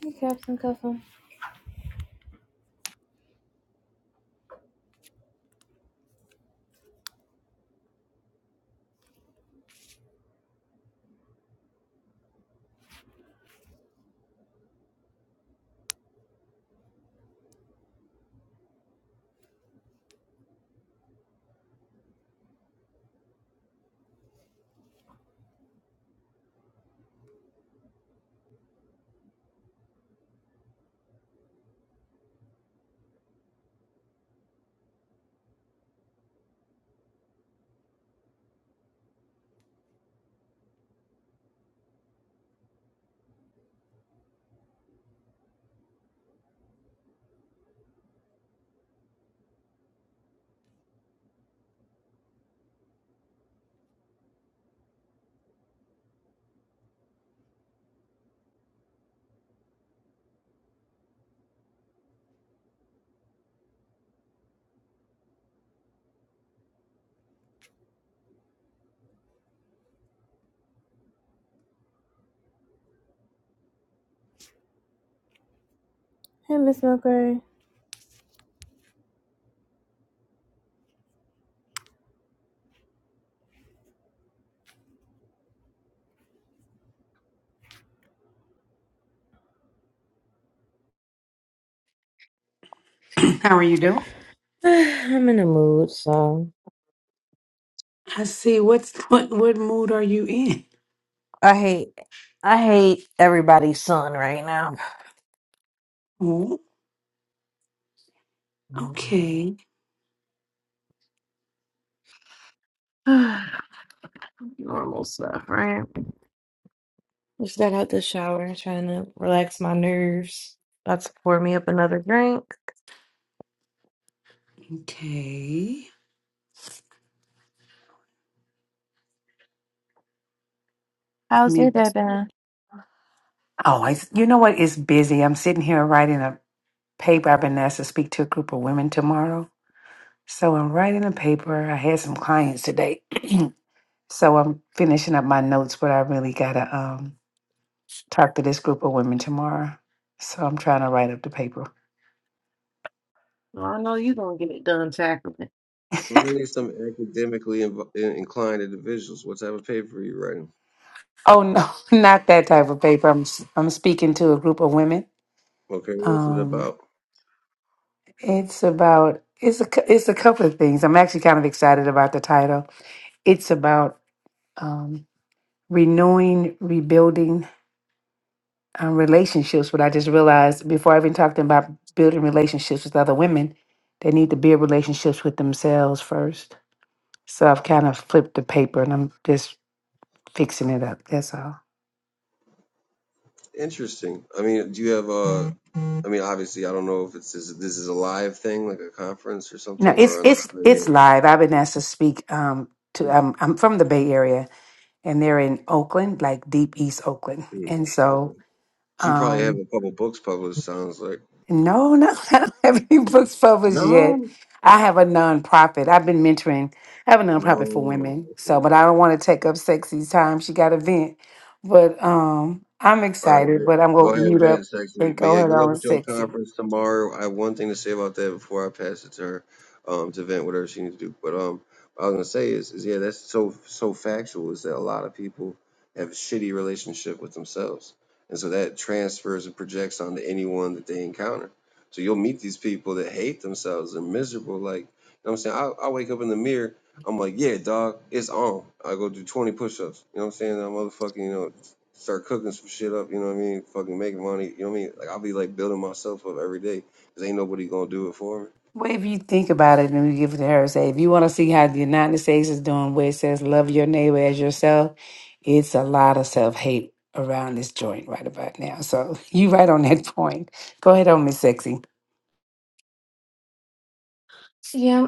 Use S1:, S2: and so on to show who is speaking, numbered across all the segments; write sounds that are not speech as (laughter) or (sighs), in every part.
S1: Hey, Captain Cuffham. Hey, Miss McCray.
S2: (clears throat) How are you doing?
S1: (sighs) I'm in a mood, so
S2: I see. What's what? What mood are you in?
S1: I hate I hate everybody's son right now.
S2: Oh, okay,
S1: (sighs) Normal stuff, right? Just got out the shower, trying to relax my nerves. About to pour me up another drink.
S2: okay. Let
S1: How's
S2: me-
S1: your day been?
S2: Oh, it's, you know what? It's busy. I'm sitting here writing a paper. I've been asked to speak to a group of women tomorrow, so I'm writing a paper. I had some clients today, (clears throat) so I'm finishing up my notes. But I really gotta um talk to this group of women tomorrow, so I'm trying to write up the paper.
S1: Well, I know you gonna get it done tackling it.
S3: Finally, some academically inv- in- inclined individuals. What type of paper are you writing?
S2: Oh no, (laughs) not that type of paper. I'm s- I'm speaking to a group of women.
S3: Okay, what's it
S2: Um,
S3: about?
S2: It's about it's a cou- it's a couple of things. I'm actually kind of excited about the title. It's about um, renewing, rebuilding um, relationships. What I just realized before I even talked about building relationships with other women, they need to build relationships with themselves first. So I've kind of flipped the paper and I'm just fixing it up. That's all.
S3: Interesting. I mean, do you have uh I mean, obviously, I don't know if it's this, this is a live thing, like a conference or
S2: You know,
S3: something,
S2: it's
S3: or on.
S2: it's
S3: on
S2: it's
S3: here.
S2: live. I've been asked to speak um,
S3: Hmm,
S2: to. Um, I'm from the Bay Area and they're in Oakland, like deep East Oakland,
S3: hmm,
S2: and so.
S3: okay. So you probably
S2: Um,
S3: have a couple books published. Sounds like.
S2: No, no, (laughs) I don't have any books published yet.
S3: No.
S2: I have a nonprofit. I've been mentoring. I have a nonprofit for
S3: Oh.
S2: women.
S3: okay.
S2: So, but I don't want to take up sexy's time. She got a vent. But um I'm
S3: All right,
S2: excited,
S3: Vin-
S2: but I'm
S3: go
S2: gonna
S3: ahead,
S2: mute up
S3: Vince, actually.
S2: and
S3: But
S2: go
S3: yeah,
S2: ahead
S3: good
S2: on
S3: luck
S2: with
S3: with your
S2: sexy.
S3: conference tomorrow. I have one thing to say about that before I pass it to her, um, to Vent, whatever she needs to do. But um, what I was gonna say is, is yeah, that's so so factual. Is that a lot of people have a shitty relationship with themselves, and so that transfers and projects onto anyone that they encounter. So you'll meet these people that hate themselves and miserable. Like, you know what I'm saying? I I wake up in the mirror. I'm like, yeah, dog, it's on. I go do 20 push-ups. You know what I'm saying? I'm motherfucking, you know, start cooking some shit up, you know what I mean? Fucking making money, you know what I mean? Like I'll be like building myself up every day because ain't nobody gonna do it for me.
S2: Well, if you think about it and you give it to her, say, if you want to see how the United States is doing, where it says love your neighbor as yourself, it's a lot of self hate around this joint right about now. So (laughs) you right on that point. Go ahead on, Miss Sexy.
S1: Yeah,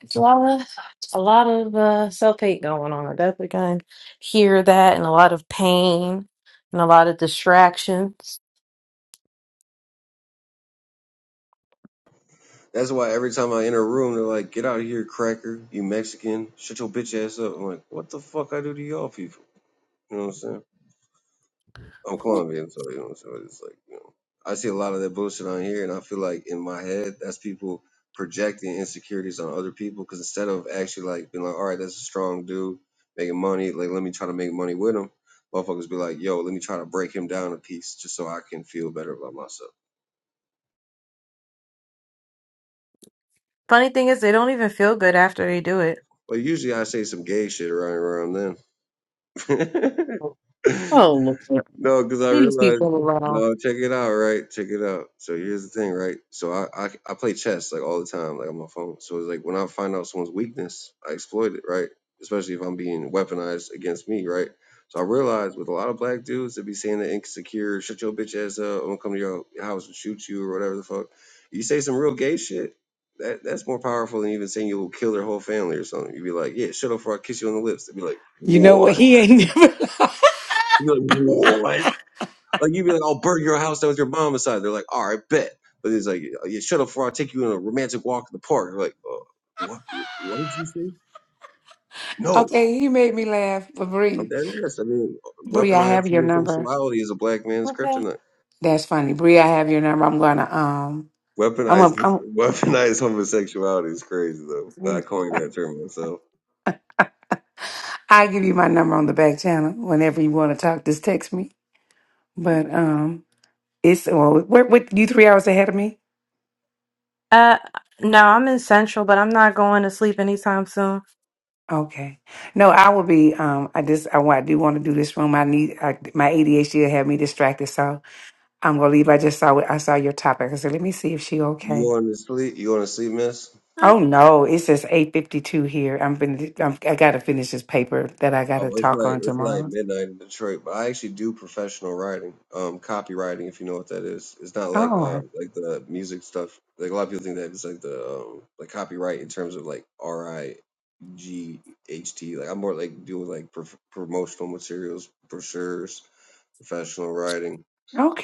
S1: it's a lot of a lot of uh, self hate going on. I definitely can hear that, and a lot of pain, and a lot of distractions.
S3: That's why every time I enter a room, they're like, "Get out of here, cracker! You Mexican! Shut your bitch ass up!" I'm like, "What the fuck I do to y'all people?" You know what I'm saying? I'm Colombian, so you know, so it's like you know, I see a lot of that bullshit on here, and I feel like in my head, that's people projecting insecurities on other people. Because instead of actually like being like, all right, that's a strong dude making money, like let me try to make money with him, motherfuckers be like, yo, let me try to break him down a piece just so I can feel better about myself.
S1: Funny thing is, they don't even feel good after they do it.
S3: But usually I say some gay shit right around then. (laughs)
S1: Oh, look,
S3: No, because I
S1: leave these
S3: realized.
S1: people alone.
S3: No, check it out, right? Check it out. So here's the thing, right? So I, I I play chess like all the time, like on my phone. So it's like when I find out someone's weakness, I exploit it, right? Especially if I'm being weaponized against me, right? So I realized with a lot of black dudes that be saying the insecure, shut your bitch ass up, I'm gonna come to your house and shoot you or whatever the fuck. You say some real gay shit, that that's more powerful than even saying you'll kill their whole family or something. You'd be like, yeah, shut up before I kiss you on the lips. They'd be like,
S2: You know what?
S3: what?
S2: He ain't (laughs) never.
S3: You'd be like, what? Like you'd be like, "I'll burn your house down with your mom inside." They're like, "All right, bet." But he's like, "Yeah, yeah, shut up, for I'll take you on a romantic walk in the park." They're like, uh, "What? What did you say?" No,
S2: okay, he made me laugh. But
S3: I'm
S2: Bree,
S3: dead ass. I mean,
S2: Bree, I have
S3: weaponized
S2: your number.
S3: homosexuality is a black man's
S1: Okay.
S3: kryptonite.
S2: That's funny, Bree. I have your number. I'm gonna um. I'm
S3: Weaponized,
S2: gonna.
S3: (laughs) weaponized homosexuality is crazy though. I
S2: I'm,
S3: coined that term myself.
S2: I give you my number on the back channel whenever you want to talk. Just text me. But um. It's well, what what you three hours ahead of me?
S1: Uh, no, I'm in Central, but I'm not going to sleep anytime soon.
S2: Okay. No, I will be. Um, I just I, wa- I do want to do this room. I need I, my ADHD will have me distracted, so I'm gonna leave. I just saw what I saw your topic. I said, let me see if she
S3: You
S2: okay.
S3: going to sleep? You going to sleep, miss?
S1: Huh.
S2: Oh no, it says eight fifty two here. I'm been I'm, I gotta finish this paper that I gotta
S3: Oh, it's
S2: talk
S3: like
S2: on
S3: it's like
S2: tomorrow.
S3: midnight in Detroit, but I actually do professional writing, um, copywriting, if you know what that is. It's not like uh
S2: Oh,
S3: like the music stuff. Like a lot of people think that it's like the um like copyright in terms of like R I G H T. Like I'm more like doing like prof promotional materials, brochures, professional writing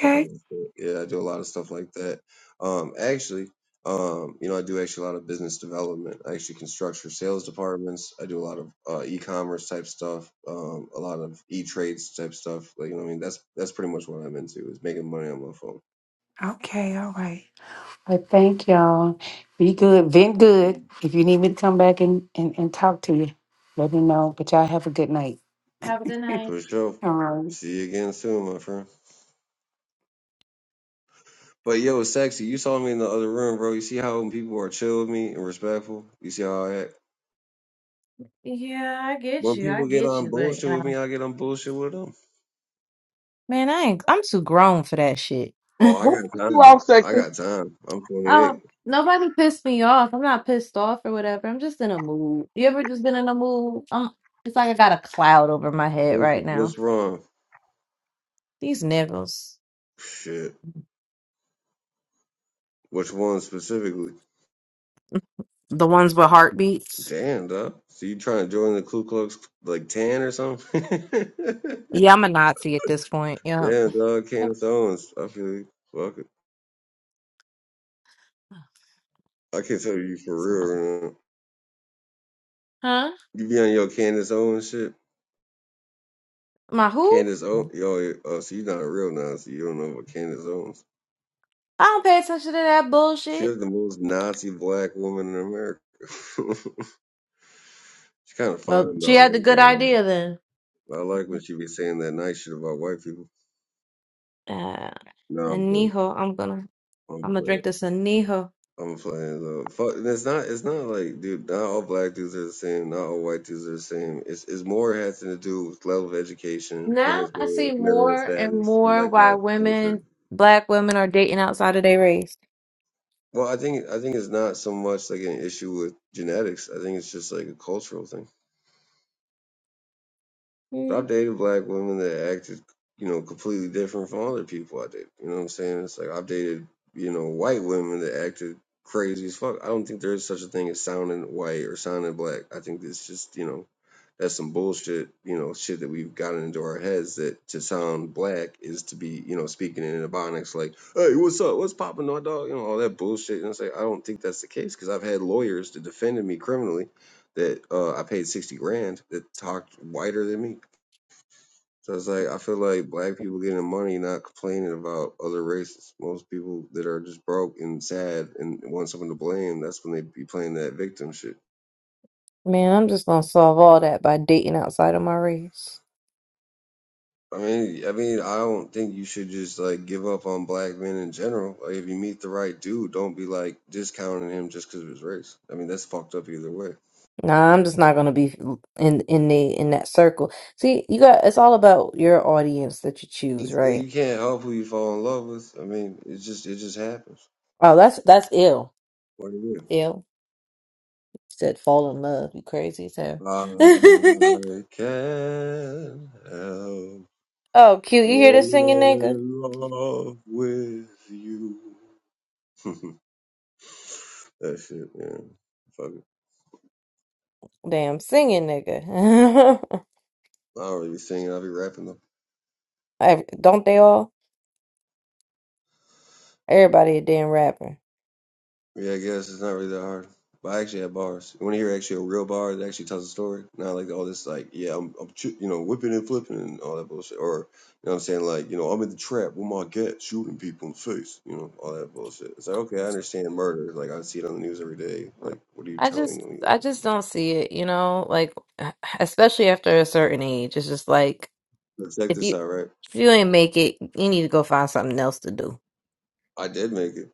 S3: all kinds of stuff. Yeah, I do a lot of stuff like that. Um, actually, um, you know, I do actually a lot of business development. I actually can structure sales departments. I do a lot of uh, e-commerce type stuff, um, a lot of e-trades type stuff. Like, you know, what I mean, that's that's pretty much what I'm into is making money on my phone.
S2: okay, all right. Well, thank y'all. Be good, vent good.
S3: Mhm.
S2: If you need me to come back and and, and talk to you, let me know. But y'all have a good night.
S1: Have a good night.
S3: For sure.
S2: All right.
S3: See you again soon, my friend. But yo, sexy, you saw me in the other room, bro. You see how when people are chill with me and respectful. You see how I act.
S1: Yeah, I get
S3: When
S1: you. I
S3: people get
S1: get
S3: on
S1: you, but you
S3: bullshit with me,
S1: know,
S3: I get on bullshit with them.
S1: man, I ain't. I'm too grown for that shit. (laughs)
S3: Oh, I
S4: Who
S3: got
S4: puts you
S3: time.
S4: off,
S3: I
S4: sexy?
S3: got time. I'm 28.
S1: Oh, nobody pissed me off. I'm not pissed off or whatever. I'm just in a mood. You ever just been in a mood? Um, it's like I got a cloud over my head
S3: What's
S1: right now.
S3: what's wrong?
S1: These niggas,
S3: Shit. Which one specifically?
S1: the ones with heartbeats.
S3: Damn, dog. So you trying to join the Ku Klux like tan or something? (laughs)
S1: Yeah, I'm a Nazi at this point. Yeah.
S3: Damn, dog. Candace Owens. I feel you. Fuck it. I can't tell you for
S1: So my-
S3: real. Man.
S1: Huh?
S3: You be on your Candace Owens shit.
S1: My who?
S3: Candace Owens. Yo, oh, so you're not a real Nazi. You don't know about Candace Owens.
S1: I don't pay attention to that bullshit.
S3: She's the most Nazi black woman in America. (laughs) She's kind of
S1: Well,
S3: fine
S1: she
S3: though. I
S1: had the
S3: ain't
S1: good
S3: gonna lie.
S1: idea then.
S3: But I like when she be saying that nice shit about white people.
S1: Uh,
S3: No, I'm playing.
S1: Añejo. I'm gonna I'm
S3: I'm
S1: gonna
S3: playing.
S1: drink this Añejo.
S3: I'm playing. Though. Fuck, and it's not. It's not like, dude. Not all black dudes are the same. Not all white dudes are the same. It's it's more has to do with level of education,
S1: Now
S3: parents'
S1: I
S3: marital
S1: see
S3: marital
S1: more and
S3: status, shit
S1: more
S3: like
S1: why
S3: that, culture.
S1: women, black women, are dating outside of their race.
S3: Well, I think I think it's not so much like an issue with genetics. I think it's just like a cultural thing.
S1: Mm.
S3: I've dated black women that acted, you know, completely different from other people I dated. You know what I'm saying? It's like I've dated, you know, white women that acted crazy as fuck. I don't think there's such a thing as sounding white or sounding black. I think it's just, you know, that's some bullshit, you know, shit that we've gotten into our heads that to sound black is to be, you know, speaking in ebonics like, hey, what's up? What's poppin', my dog? You know, all that bullshit. And it's like, I don't think that's the case because I've had lawyers that defended me criminally that uh, I paid 60 grand that talked whiter than me so it's like I feel like black people getting money, not complaining about other races. Most people that are just broke and sad and want someone to blame, that's when they be playing that victim shit.
S1: Man, I'm just gonna solve all that by dating outside of my race.
S3: I mean, I mean, I don't think you should just like give up on black men in general. Like, if you meet the right dude, don't be like discounting him just because of his race. I mean, that's fucked up either way.
S1: Nah, I'm just not gonna be in in the in that circle. See, you got it's all about your audience that you choose,
S3: It's-
S1: right?
S3: You can't help who you fall in love with. I mean, it just it just happens.
S1: Oh, that's that's ill.
S3: What do you? do?
S1: Ill said fall in love. You crazy as hell. (laughs)
S3: I can't help
S1: oh, cute. You hear the
S3: Falling
S1: singing nigga?
S3: in love with you. (laughs) that shit, man. Fuck it.
S1: Damn singing nigga.
S3: I don't really be singing. I'll be rapping though.
S1: (laughs) Ev- don't they all? Everybody a damn rapper.
S3: Yeah, I guess it's not really that hard. But I actually have bars. When You want to hear actually a real bar that actually tells a story? Not like all this, like, yeah, I'm, I'm ch- you know, whipping and flipping and all that bullshit. Or, you know what I'm saying? Like, you know, I'm in the trap with my gat shooting people in the face. You know, all that bullshit. It's like, okay, I understand murder. Like, I see it on the news every day. Like, what are you
S1: I
S3: telling
S1: just
S3: me though?
S1: I just don't see it, you know, like (sighs) especially after a certain age. It's just like
S3: But check
S1: if
S3: this
S1: you
S3: out, right?
S1: if you ain't make it, you need to go find something else to do.
S3: I did make it.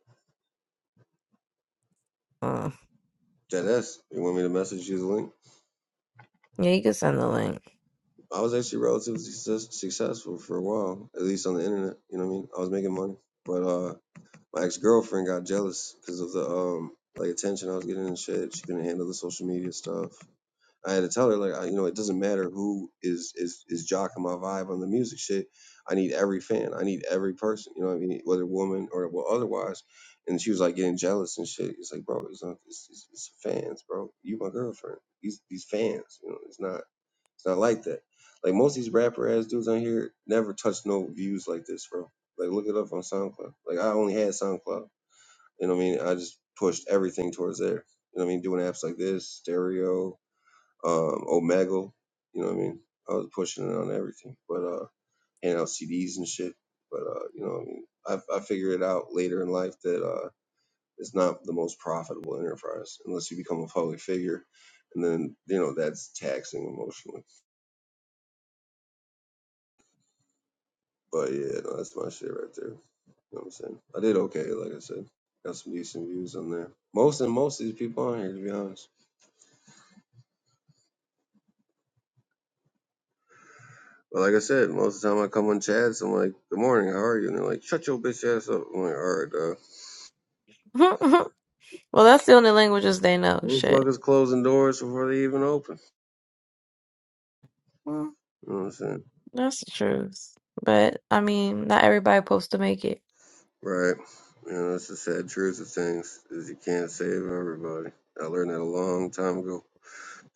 S3: That is. You want me to message you the link?
S1: Yeah, you can send the link.
S3: I was actually relatively success- successful for a while, at least on the internet. You know what I mean? I was making money, but uh, my ex girlfriend got jealous because of the um like attention I was getting and shit. She couldn't handle the social media stuff. I had to tell her like I, you know it doesn't matter who is is is jocking my vibe on the music shit. I need every fan. I need every person. You know what I mean? Whether woman or well, otherwise. And she was like getting jealous and shit. It's like, bro, it's not. It's, it's, it's fans, bro. You my girlfriend. These these fans. You know, it's not. It's not like that. Like most of these rapper ass dudes on here never touch no views like this, bro. Like look it up on SoundCloud. Like I only had SoundCloud. You know what I mean? I just pushed everything towards there. You know what I mean? Doing apps like this, stereo, um, Omegle. You know what I mean? I was pushing it on everything, but uh, handing out CDs and shit. But uh, you know what I mean? I I figured it out later in life that uh, it's not the most profitable enterprise unless you become a public figure, and then you know that's taxing emotionally. But yeah, no, that's my shit right there. You know what I'm saying? I did okay, like I said. Got some decent views on there. Most and most of these people on here, to be honest. But like I said, most of the time I come on chats, I'm like, good morning, how are you? And they're like, shut your bitch ass up. I'm like, all right, dog.
S1: (laughs) well, that's the only languages they know. Shit.
S3: Motherfuckers closing doors before they even open.
S1: Well,
S3: You know what I'm saying?
S1: that's the truth. But I mean, not everybody supposed to make it.
S3: Right. You know, that's the sad truth of things is you can't save everybody. I learned that a long time ago.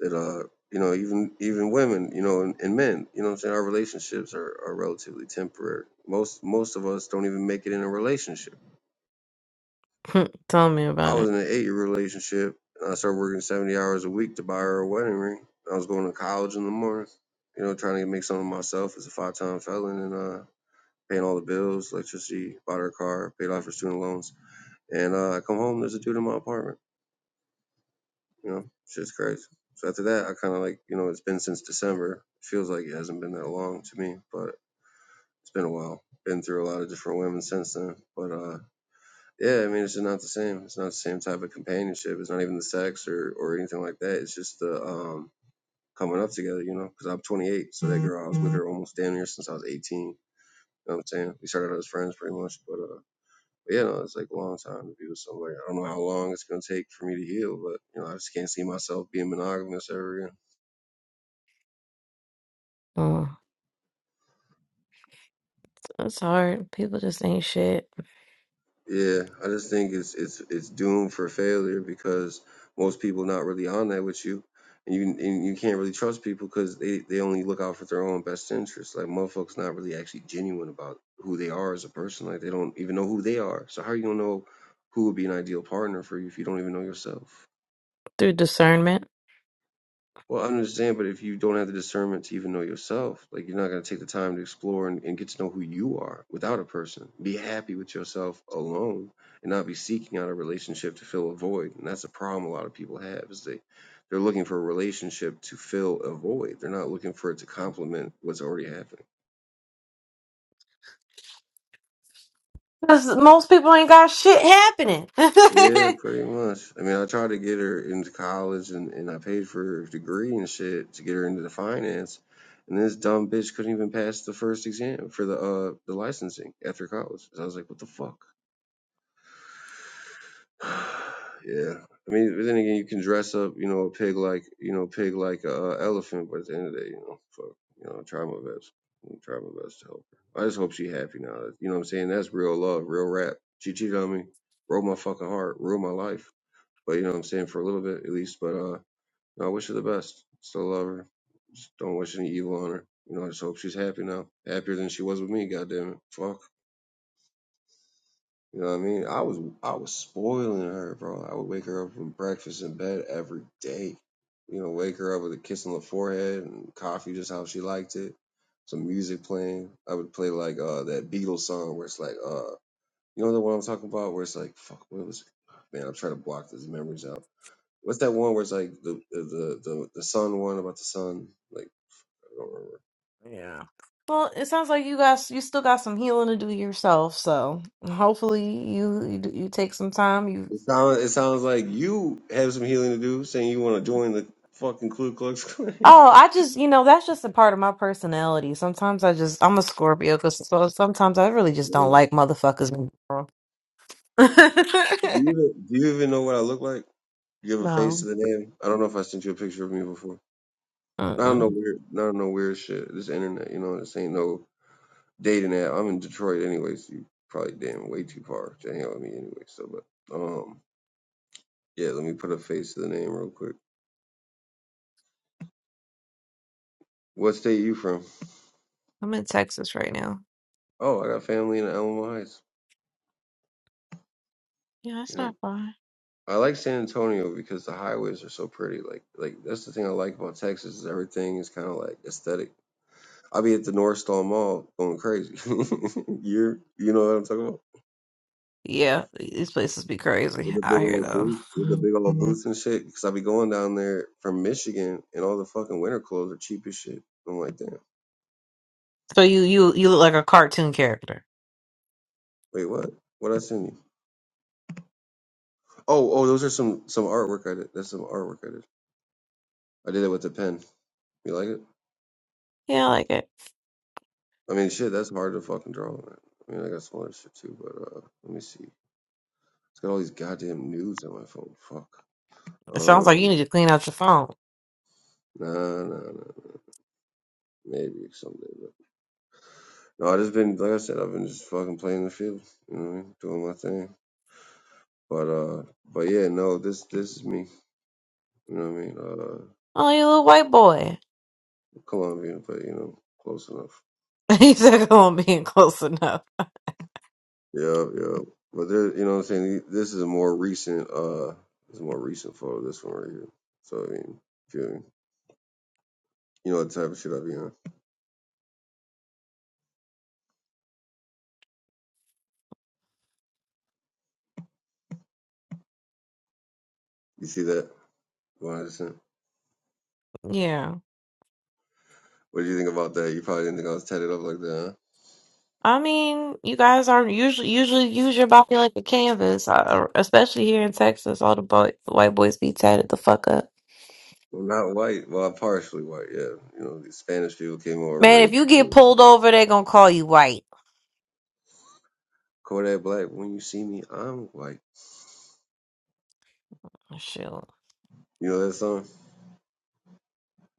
S3: That uh, you know, even even women, you know, and, and men, you know what I'm saying, our relationships are, are relatively temporary. Most most of us don't even make it in a relationship.
S1: (laughs) Tell me
S3: I
S1: about
S3: was
S1: it.
S3: in an eight year relationship and I started working seventy hours a week to buy her a wedding ring. I was going to college in the morning, you know, trying to make something of myself as a five time felon and uh. paying all the bills, electricity, bought her a car, paid off her student loans. And uh, I come home, there's a dude in my apartment. You know, shit's crazy. So after that, I kind of like, you know, it's been since December. It feels like it hasn't been that long to me, but it's been a while. Been through a lot of different women since then. But uh, yeah, I mean, it's just not the same. It's not the same type of companionship. It's not even the sex or, or anything like that. It's just the um, coming up together, you know, because I'm 28. So that girl, I was with her almost damn near since I was 18. You know what I'm saying? We started out as friends pretty much, but uh, But, you know, it's like a long time to be with somebody. I don't know how long it's gonna take for me to heal, but you know, I just can't see myself being monogamous ever again.
S1: Mm. It's hard. People just ain't shit
S3: Yeah, I just think it's it's it's doomed for failure because most people not really on that with you, and you and you can't really trust people because they they only look out for their own best interest. Like motherfuckers not really actually genuine about who they are as a person. Like they don't even know who they are. So how you gonna know who would be an ideal partner for you if you don't even know yourself?
S1: through discernment.
S3: Well, I understand, but if you don't have the discernment to even know yourself, like you're not going to take the time to explore and, and get to know who you are without a person. Be happy with yourself alone and not be seeking out a relationship to fill a void. And that's a problem a lot of people have is they, they're looking for a relationship to fill a void. They're not looking for it to complement what's already happening.
S1: Because most people ain't got shit happening.
S3: Yeah,
S1: (laughs)
S3: pretty much. I mean, I tried to get her into college and, and I paid for her degree and shit to get her into the finance. And this dumb bitch couldn't even pass the first exam for the uh the licensing after college. So I was like, what the fuck? (sighs) yeah. I mean, but then again, you can dress up, you know, a pig like, you know, pig like a uh, elephant, but at the end of the day, you know, fuck, you know, I try my best. I try my best to help her. I just hope she happy now. You know what I'm saying? That's real love, real rap. She cheated on me, broke my fucking heart, ruined my life but you know what I'm saying for a little bit at least. But uh, no, I wish her the best. Still love her. Just don't wish any evil on her. You know, I just hope she's happy now. Happier than she was with me. Goddamn it. Fuck. You know what I mean? I was I was spoiling her, bro. I would wake her up from breakfast in bed every day. You know, wake her up with a kiss on the forehead and coffee, just how she liked it. Some music playing. I would play like uh that Beatles song where it's like uh you know the one I'm talking about where it's like fuck what was it? man I'm trying to block these memories out What's that one where it's like the the the the, sun one about the sun? Like I don't remember.
S1: Yeah. well, it sounds like you guys you still got some healing to do yourself. So hopefully you you, do- you take some time. You
S3: It sounds it sounds like you have some healing to do, saying you want to join the fucking Ku Klux Klan.
S1: oh, I just you know that's just a part of my personality. Sometimes I just I'm a Scorpio, 'cause- so sometimes I really just don't
S3: (laughs)
S1: like motherfuckers. in general.
S3: Do
S1: (laughs)
S3: you even do you even know what I look like? You have a face to
S1: no,
S3: the name. I don't know if I sent you a picture of me before. I don't know
S1: Mm-mm.
S3: weird, I don't know weird shit. This internet, you know, this ain't no dating app. I'm in Detroit anyways. You probably damn way too far to hang out with me anyway. So, but um, yeah, let me put a face to the name real quick. What state are you from?
S1: I'm in Texas right now.
S3: Oh, I got family in Alamo Heights.
S1: Yeah, that's
S3: You know,
S1: not far.
S3: I like San Antonio because the highways are so pretty. Like, like that's the thing I like about Texas is everything is kind of like aesthetic. I'll be at the North Star Mall going crazy. (laughs) You're, you know what I'm talking about?
S1: Yeah, these places be
S3: With
S1: crazy
S3: the
S1: out
S3: big
S1: here
S3: old
S1: though.
S3: booth, with the big old booths and shit. Because i be going down there from Michigan, and all the fucking winter clothes are cheap as shit. I'm like, damn.
S1: So you you you look like a cartoon character.
S3: Wait, what? What I send you? Oh, oh, those are some some artwork I did. That's some artwork I did. I did it with a pen. You like it?
S1: Yeah, I like it.
S3: I mean, shit, that's hard to fucking draw, man. I mean, I got some other shit too, but uh, let me see. It's got all these goddamn nudes on my phone. Fuck.
S1: It sounds like you
S3: Um,
S1: need to clean out your phone.
S3: nah, nah, nah, nah. Maybe someday, but no, I just been like I said, I've been just fucking playing the field, you know, what I mean? doing my thing. But uh, but yeah, no, this this is me. You know what I mean? Uh,
S1: Oh, you little white boy.
S3: Colombian, but you know, close enough.
S1: (laughs) He's like, am being close enough.
S3: Yeah, yeah. But there, you know what I'm saying? This is a more recent uh, this is a more recent photo. This one right here. So I mean, if you you know the type of shit I be on. You see that, Washington?
S1: Yeah.
S3: What do you think about that? You probably didn't think I was tatted up like that, huh?
S1: I mean, you guys are usually usually use your body like a canvas, uh, especially here in Texas. All the boy, the white boys be tatted the fuck up.
S3: Well, not white. Well, I'm partially white, yeah. You know, the Spanish people came over and
S1: Man, if
S3: raped
S1: you
S3: you.
S1: get
S3: know.
S1: pulled over, they gonna call you white.
S3: Kodak Black, when you see me, I'm white.
S1: Shoot,
S3: You know that song?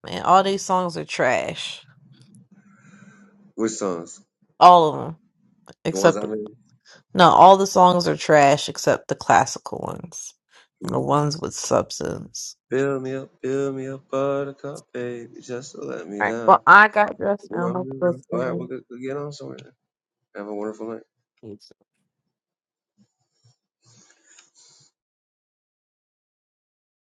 S1: man, all these songs are trash.
S3: Which songs?
S1: All of them,
S3: The ones
S1: except
S3: I made?
S1: no, all the songs are trash except the classical ones and the
S3: Mm.
S1: ones with substance.
S3: Fill me up, fill me up, buttercup, baby, just to let me
S1: Right. Well,
S3: down.
S1: I got dressed now.
S3: All
S1: My sister's
S3: right, we'll get on somewhere. Have a wonderful night.
S1: in.